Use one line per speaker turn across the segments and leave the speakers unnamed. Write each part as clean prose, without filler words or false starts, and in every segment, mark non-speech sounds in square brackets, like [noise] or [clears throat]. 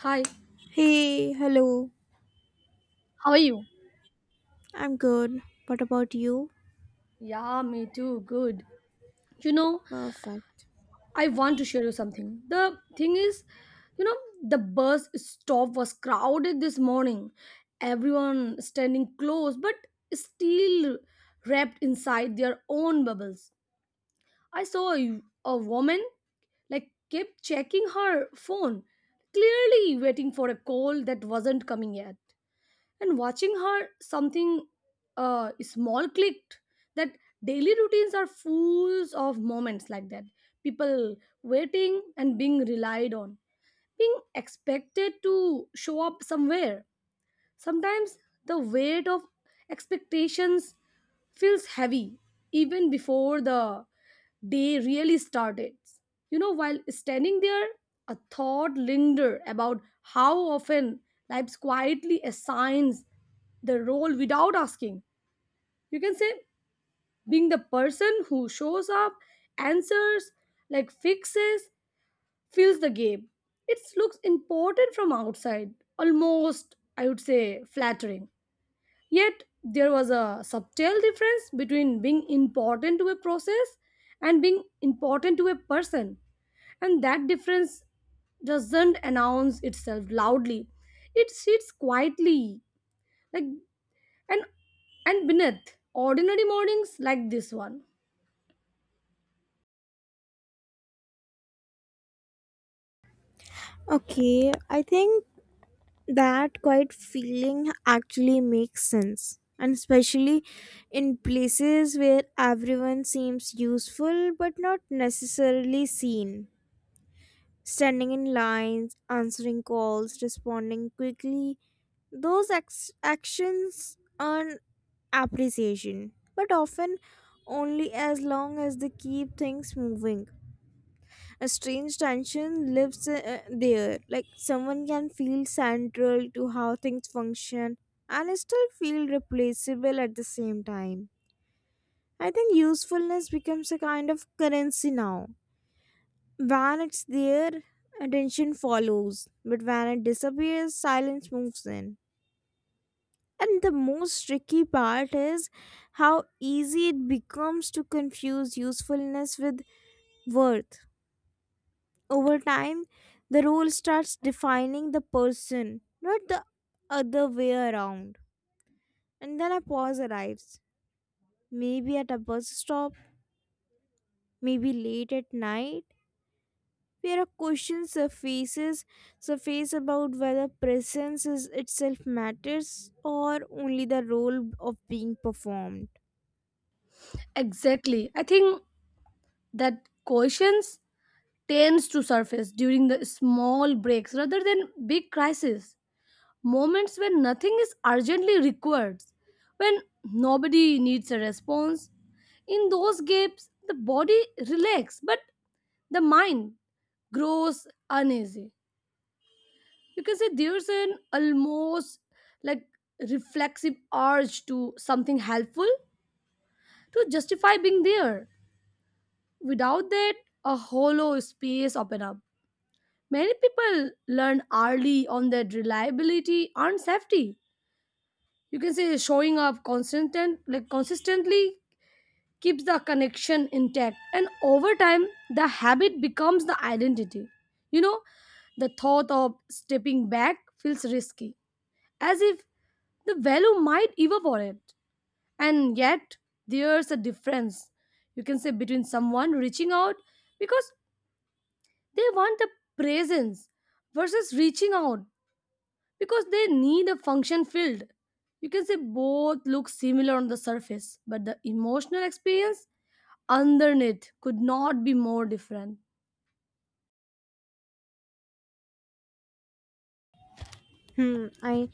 Hi,
Hey, hello.
how are you?
I'm good. What about you?
Yeah, me too. Good. You know,
Perfect.
I want to share you something. The thing is, you know, the bus stop was crowded this morning. Everyone standing close, but still wrapped inside their own bubbles. I saw a woman like kept checking her phone, clearly waiting for a call that wasn't coming yet. And watching her something small clicked that daily routines are full of moments like that. People waiting and being relied on, being expected to show up somewhere. Sometimes the weight of expectations feels heavy even before the day really started. You know, while standing there, a thought lingered about how often life quietly assigns the role without asking. You can say being the person who shows up, answers, like fixes, fills the gap. It looks important from outside, almost, I would say, flattering. Yet there was a subtle difference between being important to a process and being important to a person. And that difference doesn't announce itself loudly. It sits quietly, like and and beneath ordinary mornings like this one.
Okay, I think that quiet feeling actually makes sense. And especially in places where everyone seems useful but not necessarily seen. Standing in lines, answering calls, responding quickly, actions earn appreciation, but often only as long as they keep things moving. A strange tension lives there. Like someone can feel central to how things function and still feel replaceable at the same time. I think usefulness becomes a kind of currency now. When it's there, attention follows, but when it disappears, silence moves in. And the most tricky part is how easy it becomes to confuse usefulness with worth. Over time, the role starts defining the person, not the other way around. And then a pause arrives, maybe at a bus stop, maybe late at night, where a question surfaces surface about whether presence is itself matters or only the role of being performed.
Exactly. I think that questions tends to surface during the small breaks rather than big crises. Moments when nothing is urgently required, when nobody needs a response. In those gaps, the body relaxes, but the mind grows uneasy. You can say there's an almost like reflexive urge to something helpful to justify being there. Without that, a hollow space open up. Many people learn early on that reliability and safety, you can say showing up constant and like consistently, keeps the connection intact, and over time the habit becomes the identity. You know, the thought of stepping back feels risky, as if the value might evaporate. And yet there's a difference, you can say between someone reaching out because they want the presence versus reaching out because they need a function filled. You can say both look similar on the surface, but the emotional experience underneath could not be more different.
Hmm, I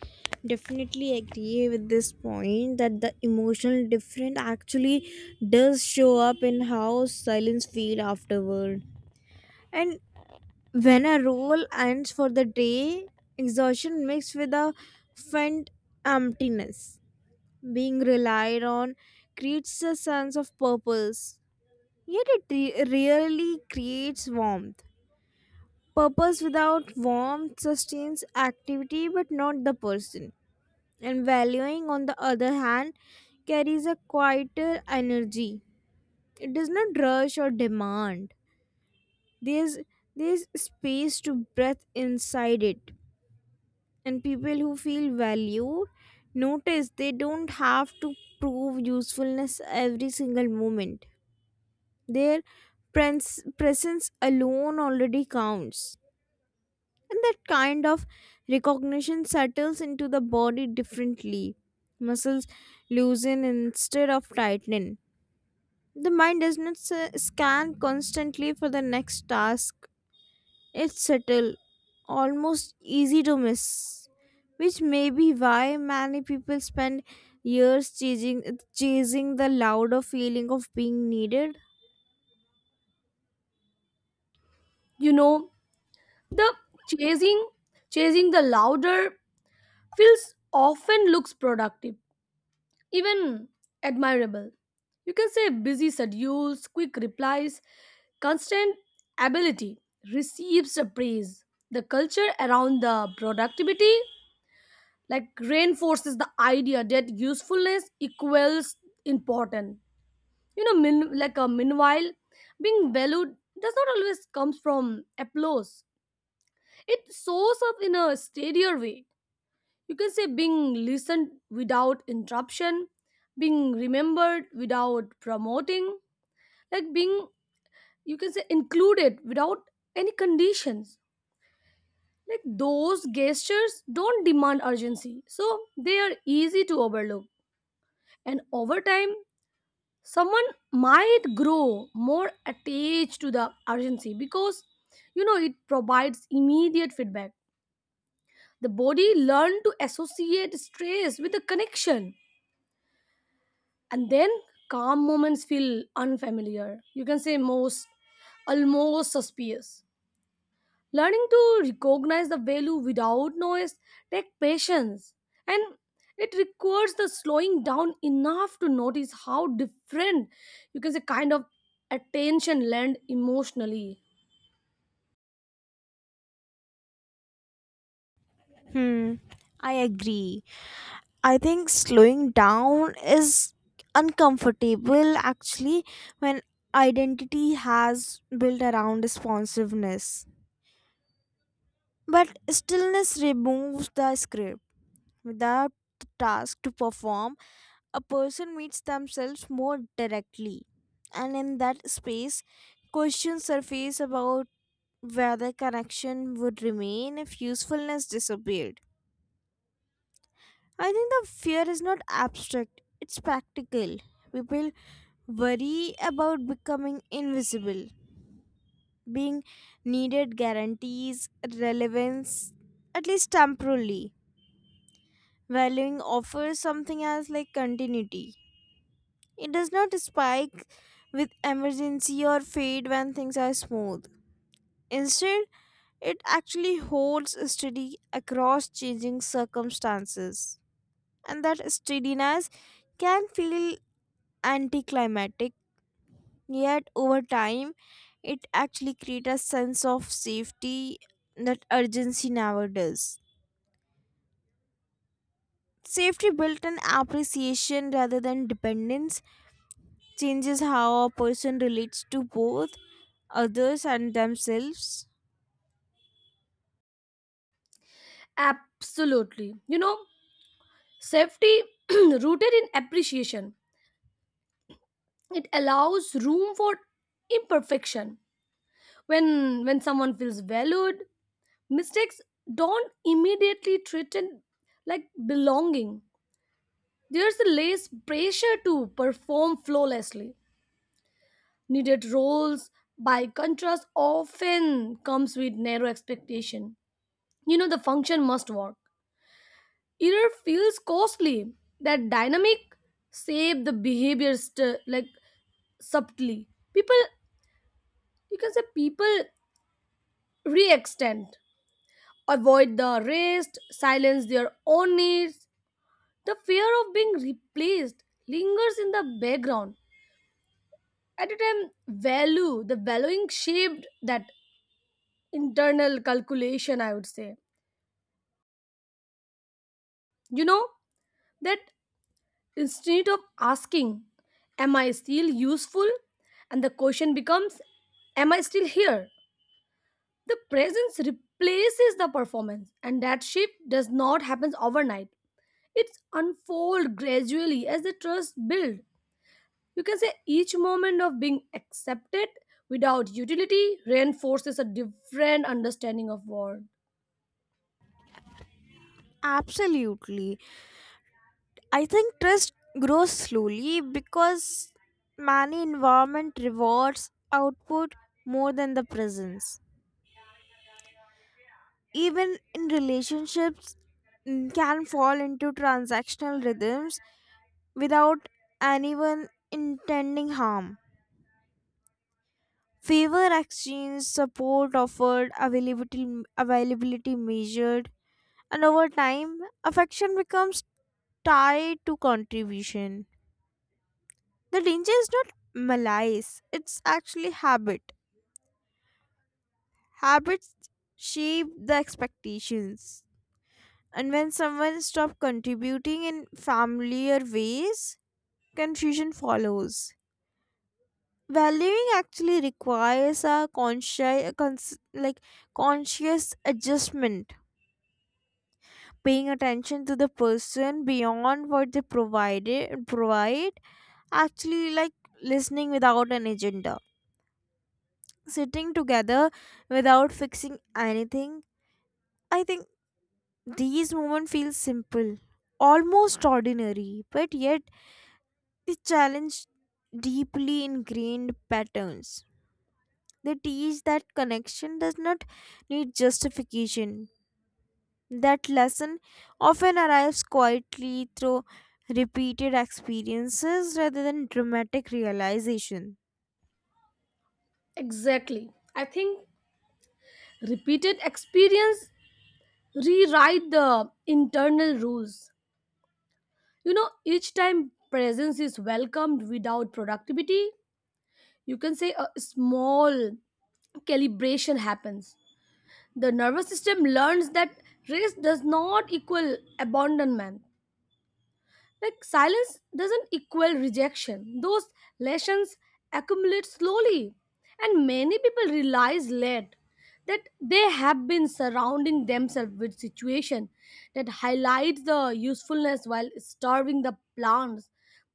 definitely agree with this point that the emotional difference actually does show up in how silence feel afterward. And when a role ends for the day, exhaustion mixed with a faint emptiness being relied on creates a sense of purpose. Yet rarely creates warmth. Purpose without warmth sustains activity but not the person, and valuing on the other hand carries a quieter energy. It does not rush or demand. There's there's space to breathe inside it, and people who feel valued notice they don't have to prove usefulness every single moment. their pres- presence alone already counts, and that kind of recognition settles into the body differently. Muscles loosen instead of tighten. The mind does not scan constantly for the next task. It's subtle, almost easy to miss, which may be why many people spend years chasing the louder feeling of being needed.
You know, the chasing chasing the louder feels often looks productive, even admirable. You can say busy schedules, quick replies, constant ability receives a praise. The culture around the productivity like reinforces the idea that usefulness equals important. You know, like a meanwhile, being valued does not always comes from applause. It shows up in a steadier way. You can say being listened without interruption, being remembered without promoting, like being, you can say, included without any conditions. Like those gestures don't demand urgency, so they are easy to overlook. And over time, someone might grow more attached to the urgency because, you know, it provides immediate feedback. The body learns to associate stress with a connection, and then calm moments feel unfamiliar. You can say most almost suspicious. Learning to recognize the value without noise takes patience, and it requires the slowing down enough to notice how different, you can say, kind of attention lend emotionally.
Hmm, I agree. I think slowing down is uncomfortable actually when identity has built around responsiveness. But stillness removes the script. Without the task to perform, a person meets themselves more directly. And in that space, questions surface about whether connection would remain if usefulness disappeared. I think the fear is not abstract, it's practical. People worry about becoming invisible, being needed guarantees, relevance, at least temporarily. Valuing offers something as like continuity. It does not spike with emergency or fade when things are smooth. Instead, it actually holds steady across changing circumstances. And that steadiness can feel anticlimactic, yet over time it actually creates a sense of safety that urgency never does. Safety built in appreciation rather than dependence changes how a person relates to both others and themselves.
Absolutely. You know, safety [clears throat] rooted in appreciation. It allows room for imperfection. When someone feels valued, mistakes don't immediately threaten like belonging. There's less pressure to perform flawlessly. Needed roles, by contrast, often comes with narrow expectation. You know, the function must work. Error feels costly. That dynamic save the behavior like subtly. People, you can say people re-extend, avoid the rest, silence their own needs. The fear of being replaced lingers in the background at a time value the valuing shaped that internal calculation, I would say. You know, that instead of asking am I still useful, and the question becomes am I still here. The presence replaces the performance, and that shift does not happen overnight. It's unfold gradually as the trust build. You can say each moment of being accepted without utility reinforces a different understanding of war.
Absolutely. I think trust grows slowly because many environment rewards output more than the presence. Even in relationships, can fall into transactional rhythms without anyone intending harm, favor exchange, support offered, availability measured, and over time affection becomes tied to contribution. The danger is not malice, it's actually habit. Habits shape the expectations. And when someone stops contributing in familiar ways, confusion follows. Valuing actually requires a conscious, cons- like conscious adjustment, paying attention to the person beyond what they provide. Actually, like listening without an agenda, sitting together without fixing anything. I think these moments feel simple, almost ordinary, but yet they challenge deeply ingrained patterns. They teach that connection does not need justification. That lesson often arrives quietly through repeated experiences rather than dramatic realization.
Exactly. I think repeated experience rewrite the internal rules. You know, each time presence is welcomed without productivity, you can say a small calibration happens. The nervous system learns that rest does not equal abandonment. Like silence doesn't equal rejection. Those lessons accumulate slowly, and many people realize late that they have been surrounding themselves with situation that highlights the usefulness while starving the plants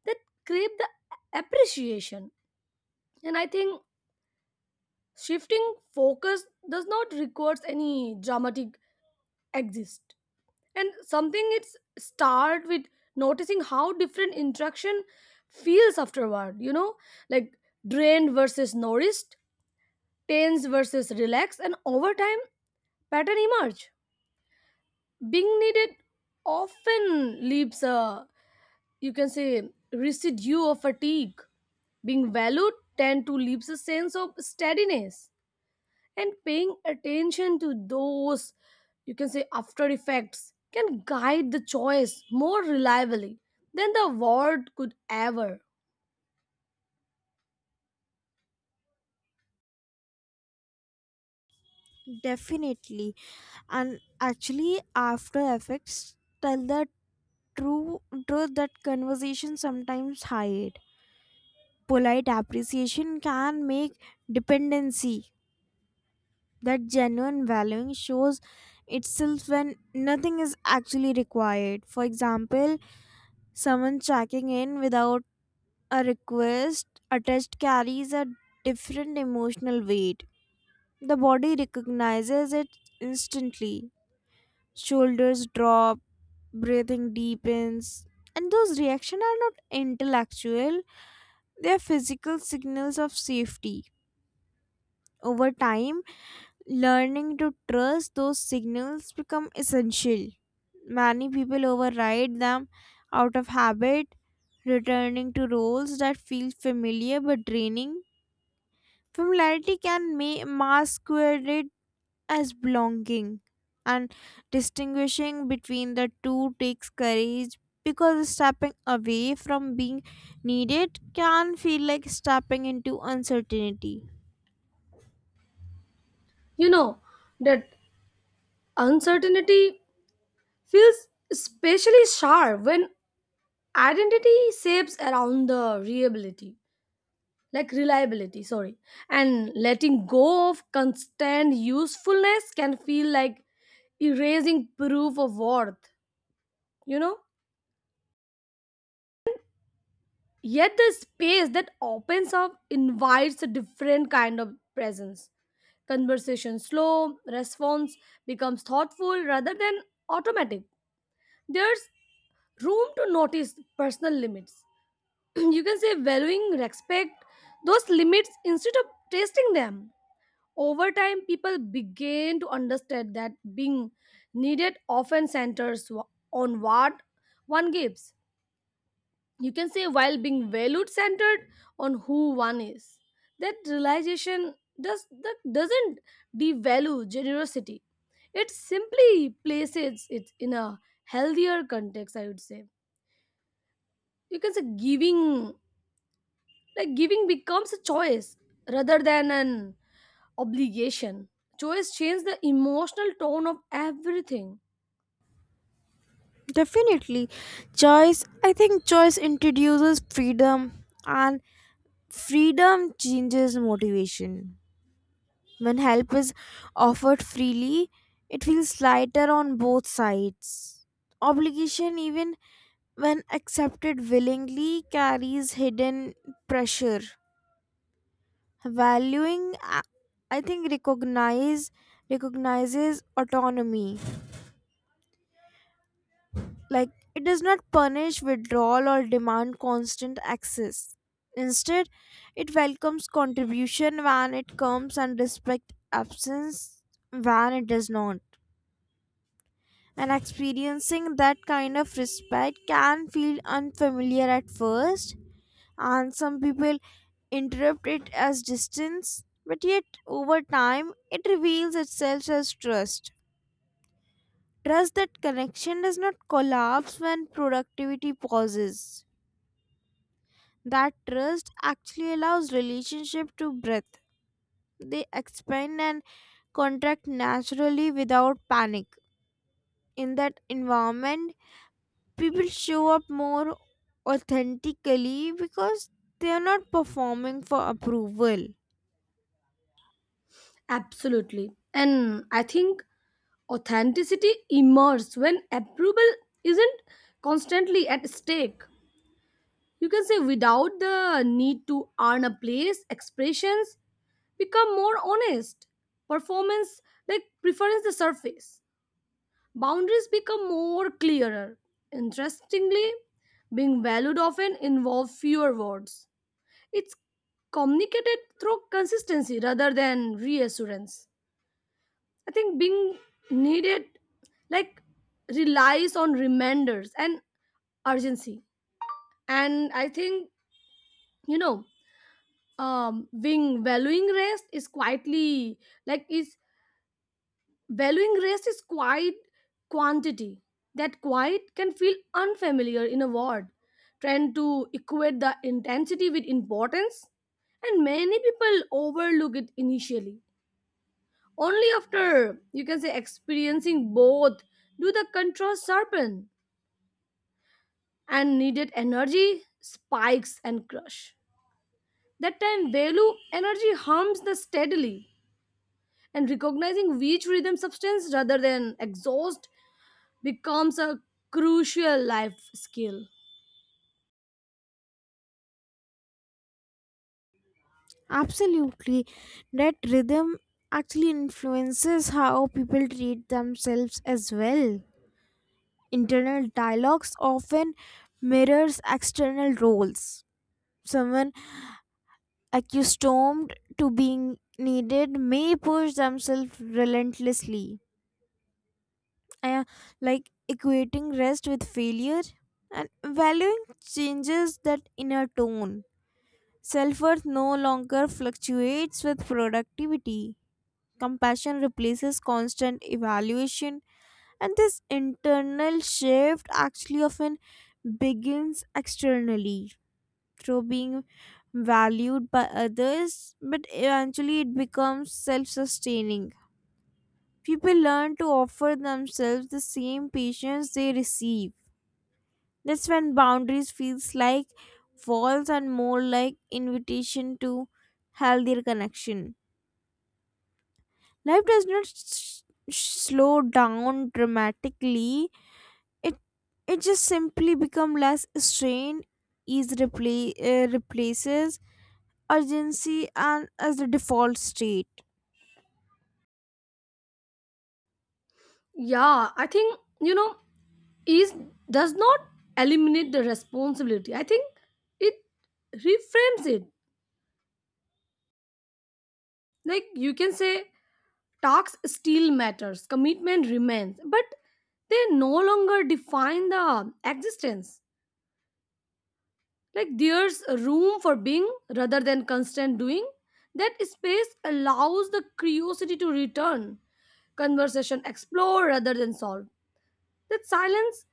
that crave the appreciation. And I think shifting focus does not require any dramatic exist, and something it's start with noticing how different interaction feels afterward. You know, like drained versus nourished, tense versus relaxed. And over time pattern emerge. Being needed often leaves a, you can say, residue of fatigue. Being valued tend to leaves a sense of steadiness. And paying attention to those, you can say, after effects can guide the choice more reliably than the award could ever.
Definitely. And actually, after effects tell the true truth that conversation sometimes hide. Polite appreciation can make dependency. That genuine valuing shows itself when nothing is actually required. For example, someone checking in without a request attached carries a different emotional weight. The body recognizes it instantly. Shoulders drop, breathing deepens. And those reactions are not intellectual, they are physical signals of safety. Over time, learning to trust those signals become essential. Many people override them out of habit, returning to roles that feel familiar but draining. Familiarity can masquerade as belonging, and distinguishing between the two takes courage because stepping away from being needed can feel like stepping into uncertainty.
You know that uncertainty feels especially sharp when identity shapes around the reliability, like reliability, sorry. And letting go of constant usefulness can feel like erasing proof of worth, you know. Yet the space that opens up invites a different kind of presence. Conversation slow, response becomes thoughtful rather than automatic. There's room to notice personal limits. [clears throat] You can say valuing respect those limits instead of testing them. Over time, people begin to understand that being needed often centers on what one gives, you can say, while being valued centered on who one is. That realization does that doesn't devalue generosity. It simply places it in a healthier context, I would say. You can say giving, like giving becomes a choice rather than an obligation. Choice changes the emotional tone of everything.
Definitely. I think choice introduces freedom, and freedom changes motivation. When help is offered freely, it feels lighter on both sides. Obligation, even when accepted willingly, carries hidden pressure. Valuing, I think, recognizes autonomy. Like, it does not punish withdrawal or demand constant access. Instead, it welcomes contribution when it comes and respect absence when it does not. And experiencing that kind of respect can feel unfamiliar at first, and some people interpret it as distance, but yet over time it reveals itself as trust. Trust that connection does not collapse when productivity pauses. That trust actually allows relationship to breathe. They expand and contract naturally without panic. In that environment people show up more authentically because they are not performing for approval.
Absolutely. And I think authenticity emerges when approval isn't constantly at stake. You can say without the need to earn a place, expressions become more honest. Performance like preference the surface. Boundaries become more clearer. Interestingly, being valued often involves fewer words. It's communicated through consistency rather than reassurance. I think being needed like relies on reminders and urgency. And I think, you know, being valuing rest is quietly like is valuing rest is quite quantity. That quiet can feel unfamiliar in a word. Trying to equate the intensity with importance. And many people overlook it initially. Only after, you can say, experiencing both do the contrast sharpen, and needed energy spikes and crush. That time value energy harms the steadily, and recognizing which rhythm substance rather than exhaust becomes a crucial life skill.
Absolutely. That rhythm actually influences how people treat themselves as well. Internal dialogues often mirrors external roles. Someone accustomed to being needed may push themselves relentlessly, uh, like equating rest with failure. And valuing changes that inner tone. Self-worth no longer fluctuates with productivity. Compassion replaces constant evaluation, and this internal shift actually often begins externally through being valued by others, but eventually it becomes self sustaining. People learn to offer themselves the same patience they receive. That's when boundaries feels like walls and more like invitation to healthier connection. Life does not slow down dramatically. It it just simply become less strained. Ease replaces urgency and as the default state.
Yeah, I think you know is does not eliminate the responsibility. I think it reframes it. Like you can say talks still matters, commitment remains, but they no longer define the existence. Like there's room for being rather than constant doing. That space allows the curiosity to return, conversation explore rather than solve. That silence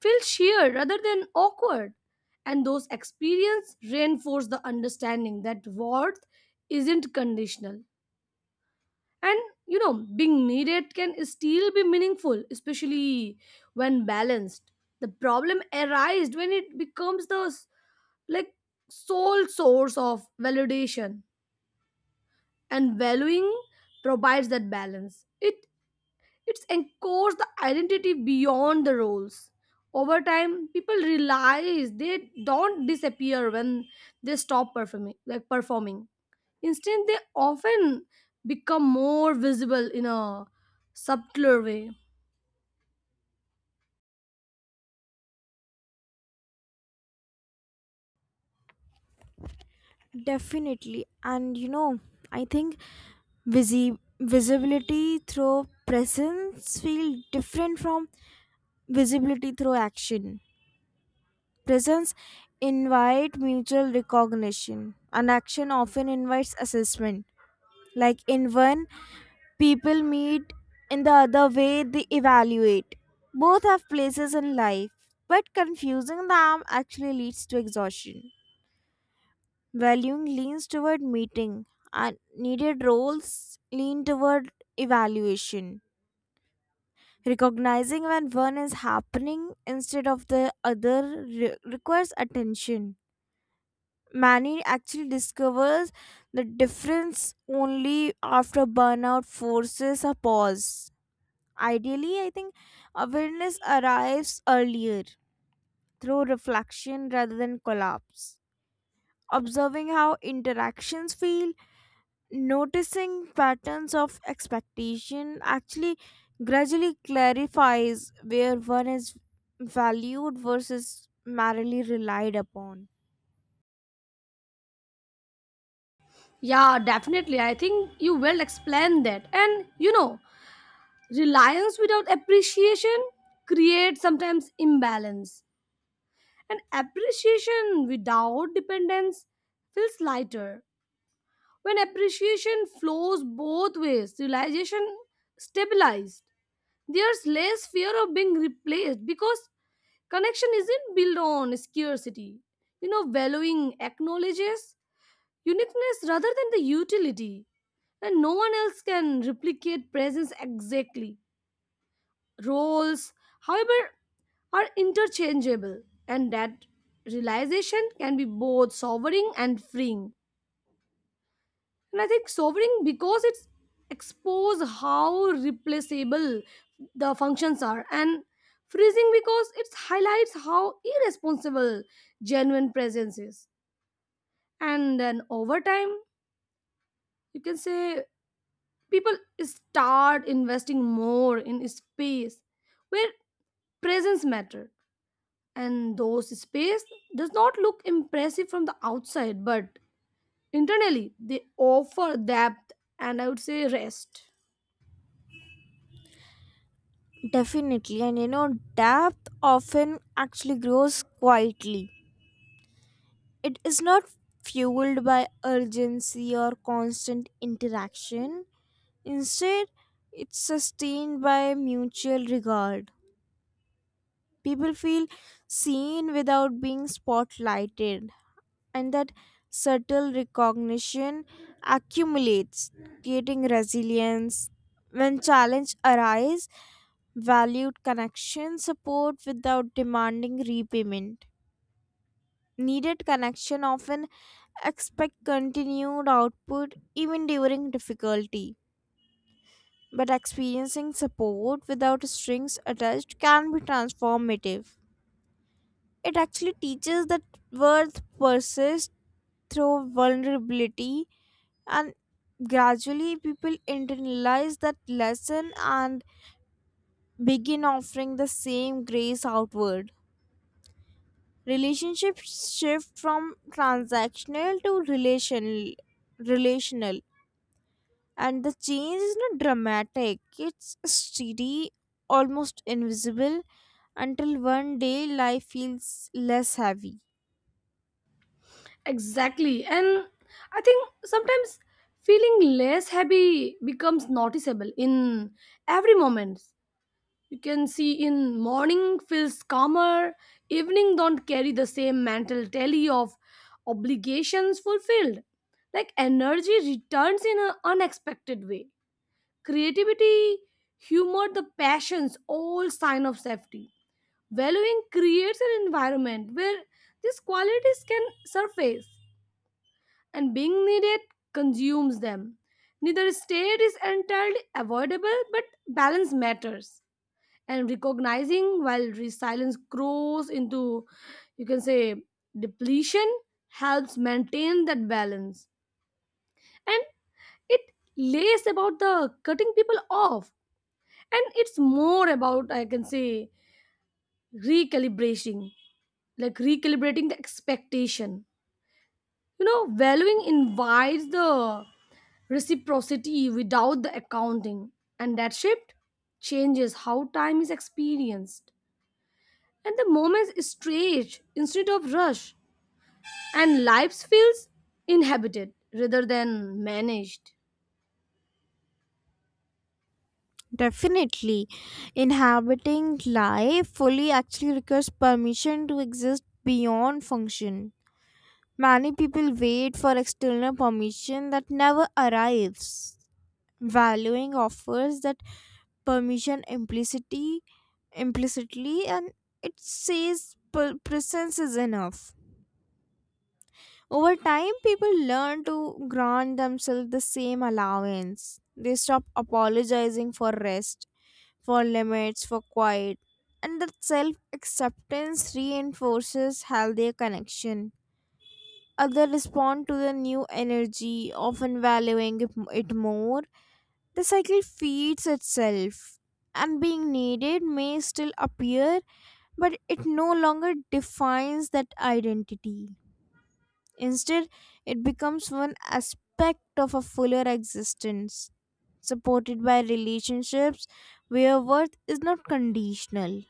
feels sheer rather than awkward. And those experience reinforce the understanding that worth isn't conditional. And you know, being needed can still be meaningful, especially when balanced. The problem arises when it becomes the like sole source of validation, and valuing provides that balance. It it's encodes the identity beyond the roles. Over time, people realize they don't disappear when they stop performing like performing. Instead, they often become more visible in a subtler way.
Definitely, and you know I think visibility through presence feel different from visibility through action. Presence invite mutual recognition and action often invites assessment. Like in one people meet, in the other way they evaluate. Both have places in life but confusing them actually leads to exhaustion. Valuing leans toward meeting, and needed roles lean toward evaluation. Recognizing when one is happening instead of the other re- requires attention. Many actually discovers the difference only after burnout forces a pause. Ideally, I think awareness arrives earlier through reflection rather than collapse. Observing how interactions feel, noticing patterns of expectation actually gradually clarifies where one is valued versus merely relied upon.
Yeah, definitely. I think you well explained that. And you know, reliance without appreciation creates sometimes imbalance. And appreciation without dependence feels lighter. When appreciation flows both ways, realization stabilized. There's less fear of being replaced because connection isn't built on scarcity. You know, valuing acknowledges uniqueness rather than the utility, and no one else can replicate presence exactly. Roles, however, are interchangeable, and that realization can be both sobering and freeing. And I think sovereign because it's expose how replaceable the functions are, and freezing because it highlights how irresponsible genuine presence is. And then over time, you can say people start investing more in space where presence matter. And those space does not look impressive from the outside, but internally they offer depth and, I would say, rest.
Definitely, and you know, depth often actually grows quietly. It is not fueled by urgency or constant interaction, instead, it's sustained by mutual regard. People feel seen without being spotlighted, and that subtle recognition accumulates, creating resilience. When challenge arise, valued connection support without demanding repayment. Needed connection often expect continued output even during difficulty. But experiencing support without strings attached can be transformative. It actually teaches that worth persists through vulnerability, and gradually people internalize that lesson and begin offering the same grace outward. Relationships shift from transactional to relational, and the change is not dramatic, it's steady, almost invisible, until one day life feels less heavy.
Exactly. And I think sometimes feeling less happy becomes noticeable in every moment. You can see in morning feels calmer, evening don't carry the same mental tally of obligations fulfilled. Like energy returns in an unexpected way. Creativity, humor, the passions, all sign of safety. Valuing creates an environment where these qualities can surface, and being needed consumes them. Neither state is entirely avoidable, but balance matters. And recognizing while resilience grows into, you can say, depletion, helps maintain that balance. And it lays about the cutting people off. And it's more about, I can say, recalibrating, like recalibrating the expectation. You know, valuing invites the reciprocity without the accounting, and that shift changes how time is experienced. And the moments stretch instead of rush, and life feels inhabited rather than managed.
Definitely. Inhabiting life fully actually requires permission to exist beyond function. Many people wait for external permission that never arrives. Valuing offers that permission implicitly, and it says presence is enough. Over time, people learn to grant themselves the same allowance. They stop apologizing for rest, for limits, for quiet, and that self acceptance reinforces healthier connection. Others respond to the new energy, often valuing it more. The cycle feeds itself, and being needed may still appear, but it no longer defines that identity. Instead, it becomes one aspect of a fuller existence, supported by relationships where worth is not conditional.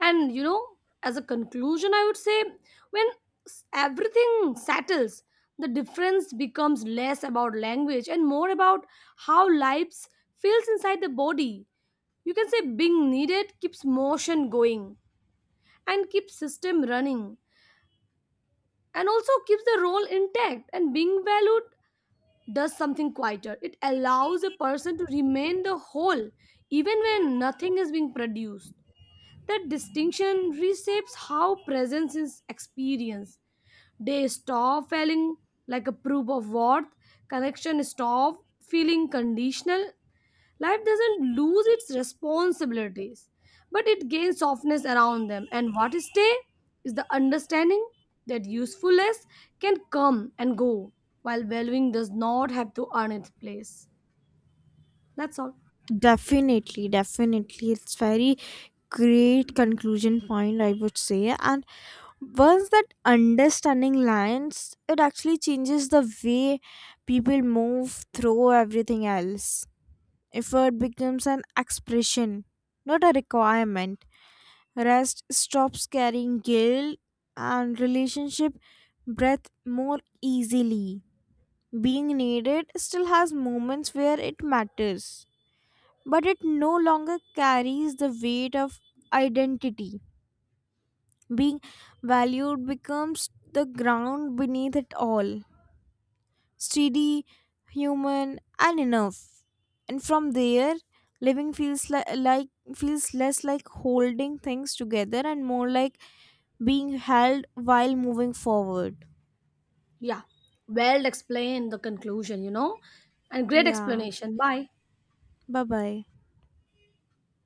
And you know, as a conclusion, I would say when everything settles, the difference becomes less about language and more about how lives feels inside the body. You can say being needed keeps motion going and keeps system running and also keeps the role intact. And being valued does something quieter. It allows a person to remain the whole even when nothing is being produced. That distinction reshapes how presence is experienced. They stop feeling like a proof of worth. Connection stop feeling conditional. Life doesn't lose its responsibilities, but it gains softness around them. And what is stay is the understanding that usefulness can come and go, while valuing does not have to earn its place. That's all.
Definitely, definitely. It's very great conclusion point, I would say. And once that understanding lands, it actually changes the way people move through everything else. Effort becomes an expression, not a requirement. Rest stops carrying guilt and relationship breath more easily. Being needed still has moments where it matters but it no longer carries the weight of identity. Being valued becomes the ground beneath it all, steady, human, and enough. And from there, living feels less like holding things together and more like being held while moving forward.
Yeah. Well explained the conclusion, you know. And great
Yeah.
explanation. Bye.
Bye bye.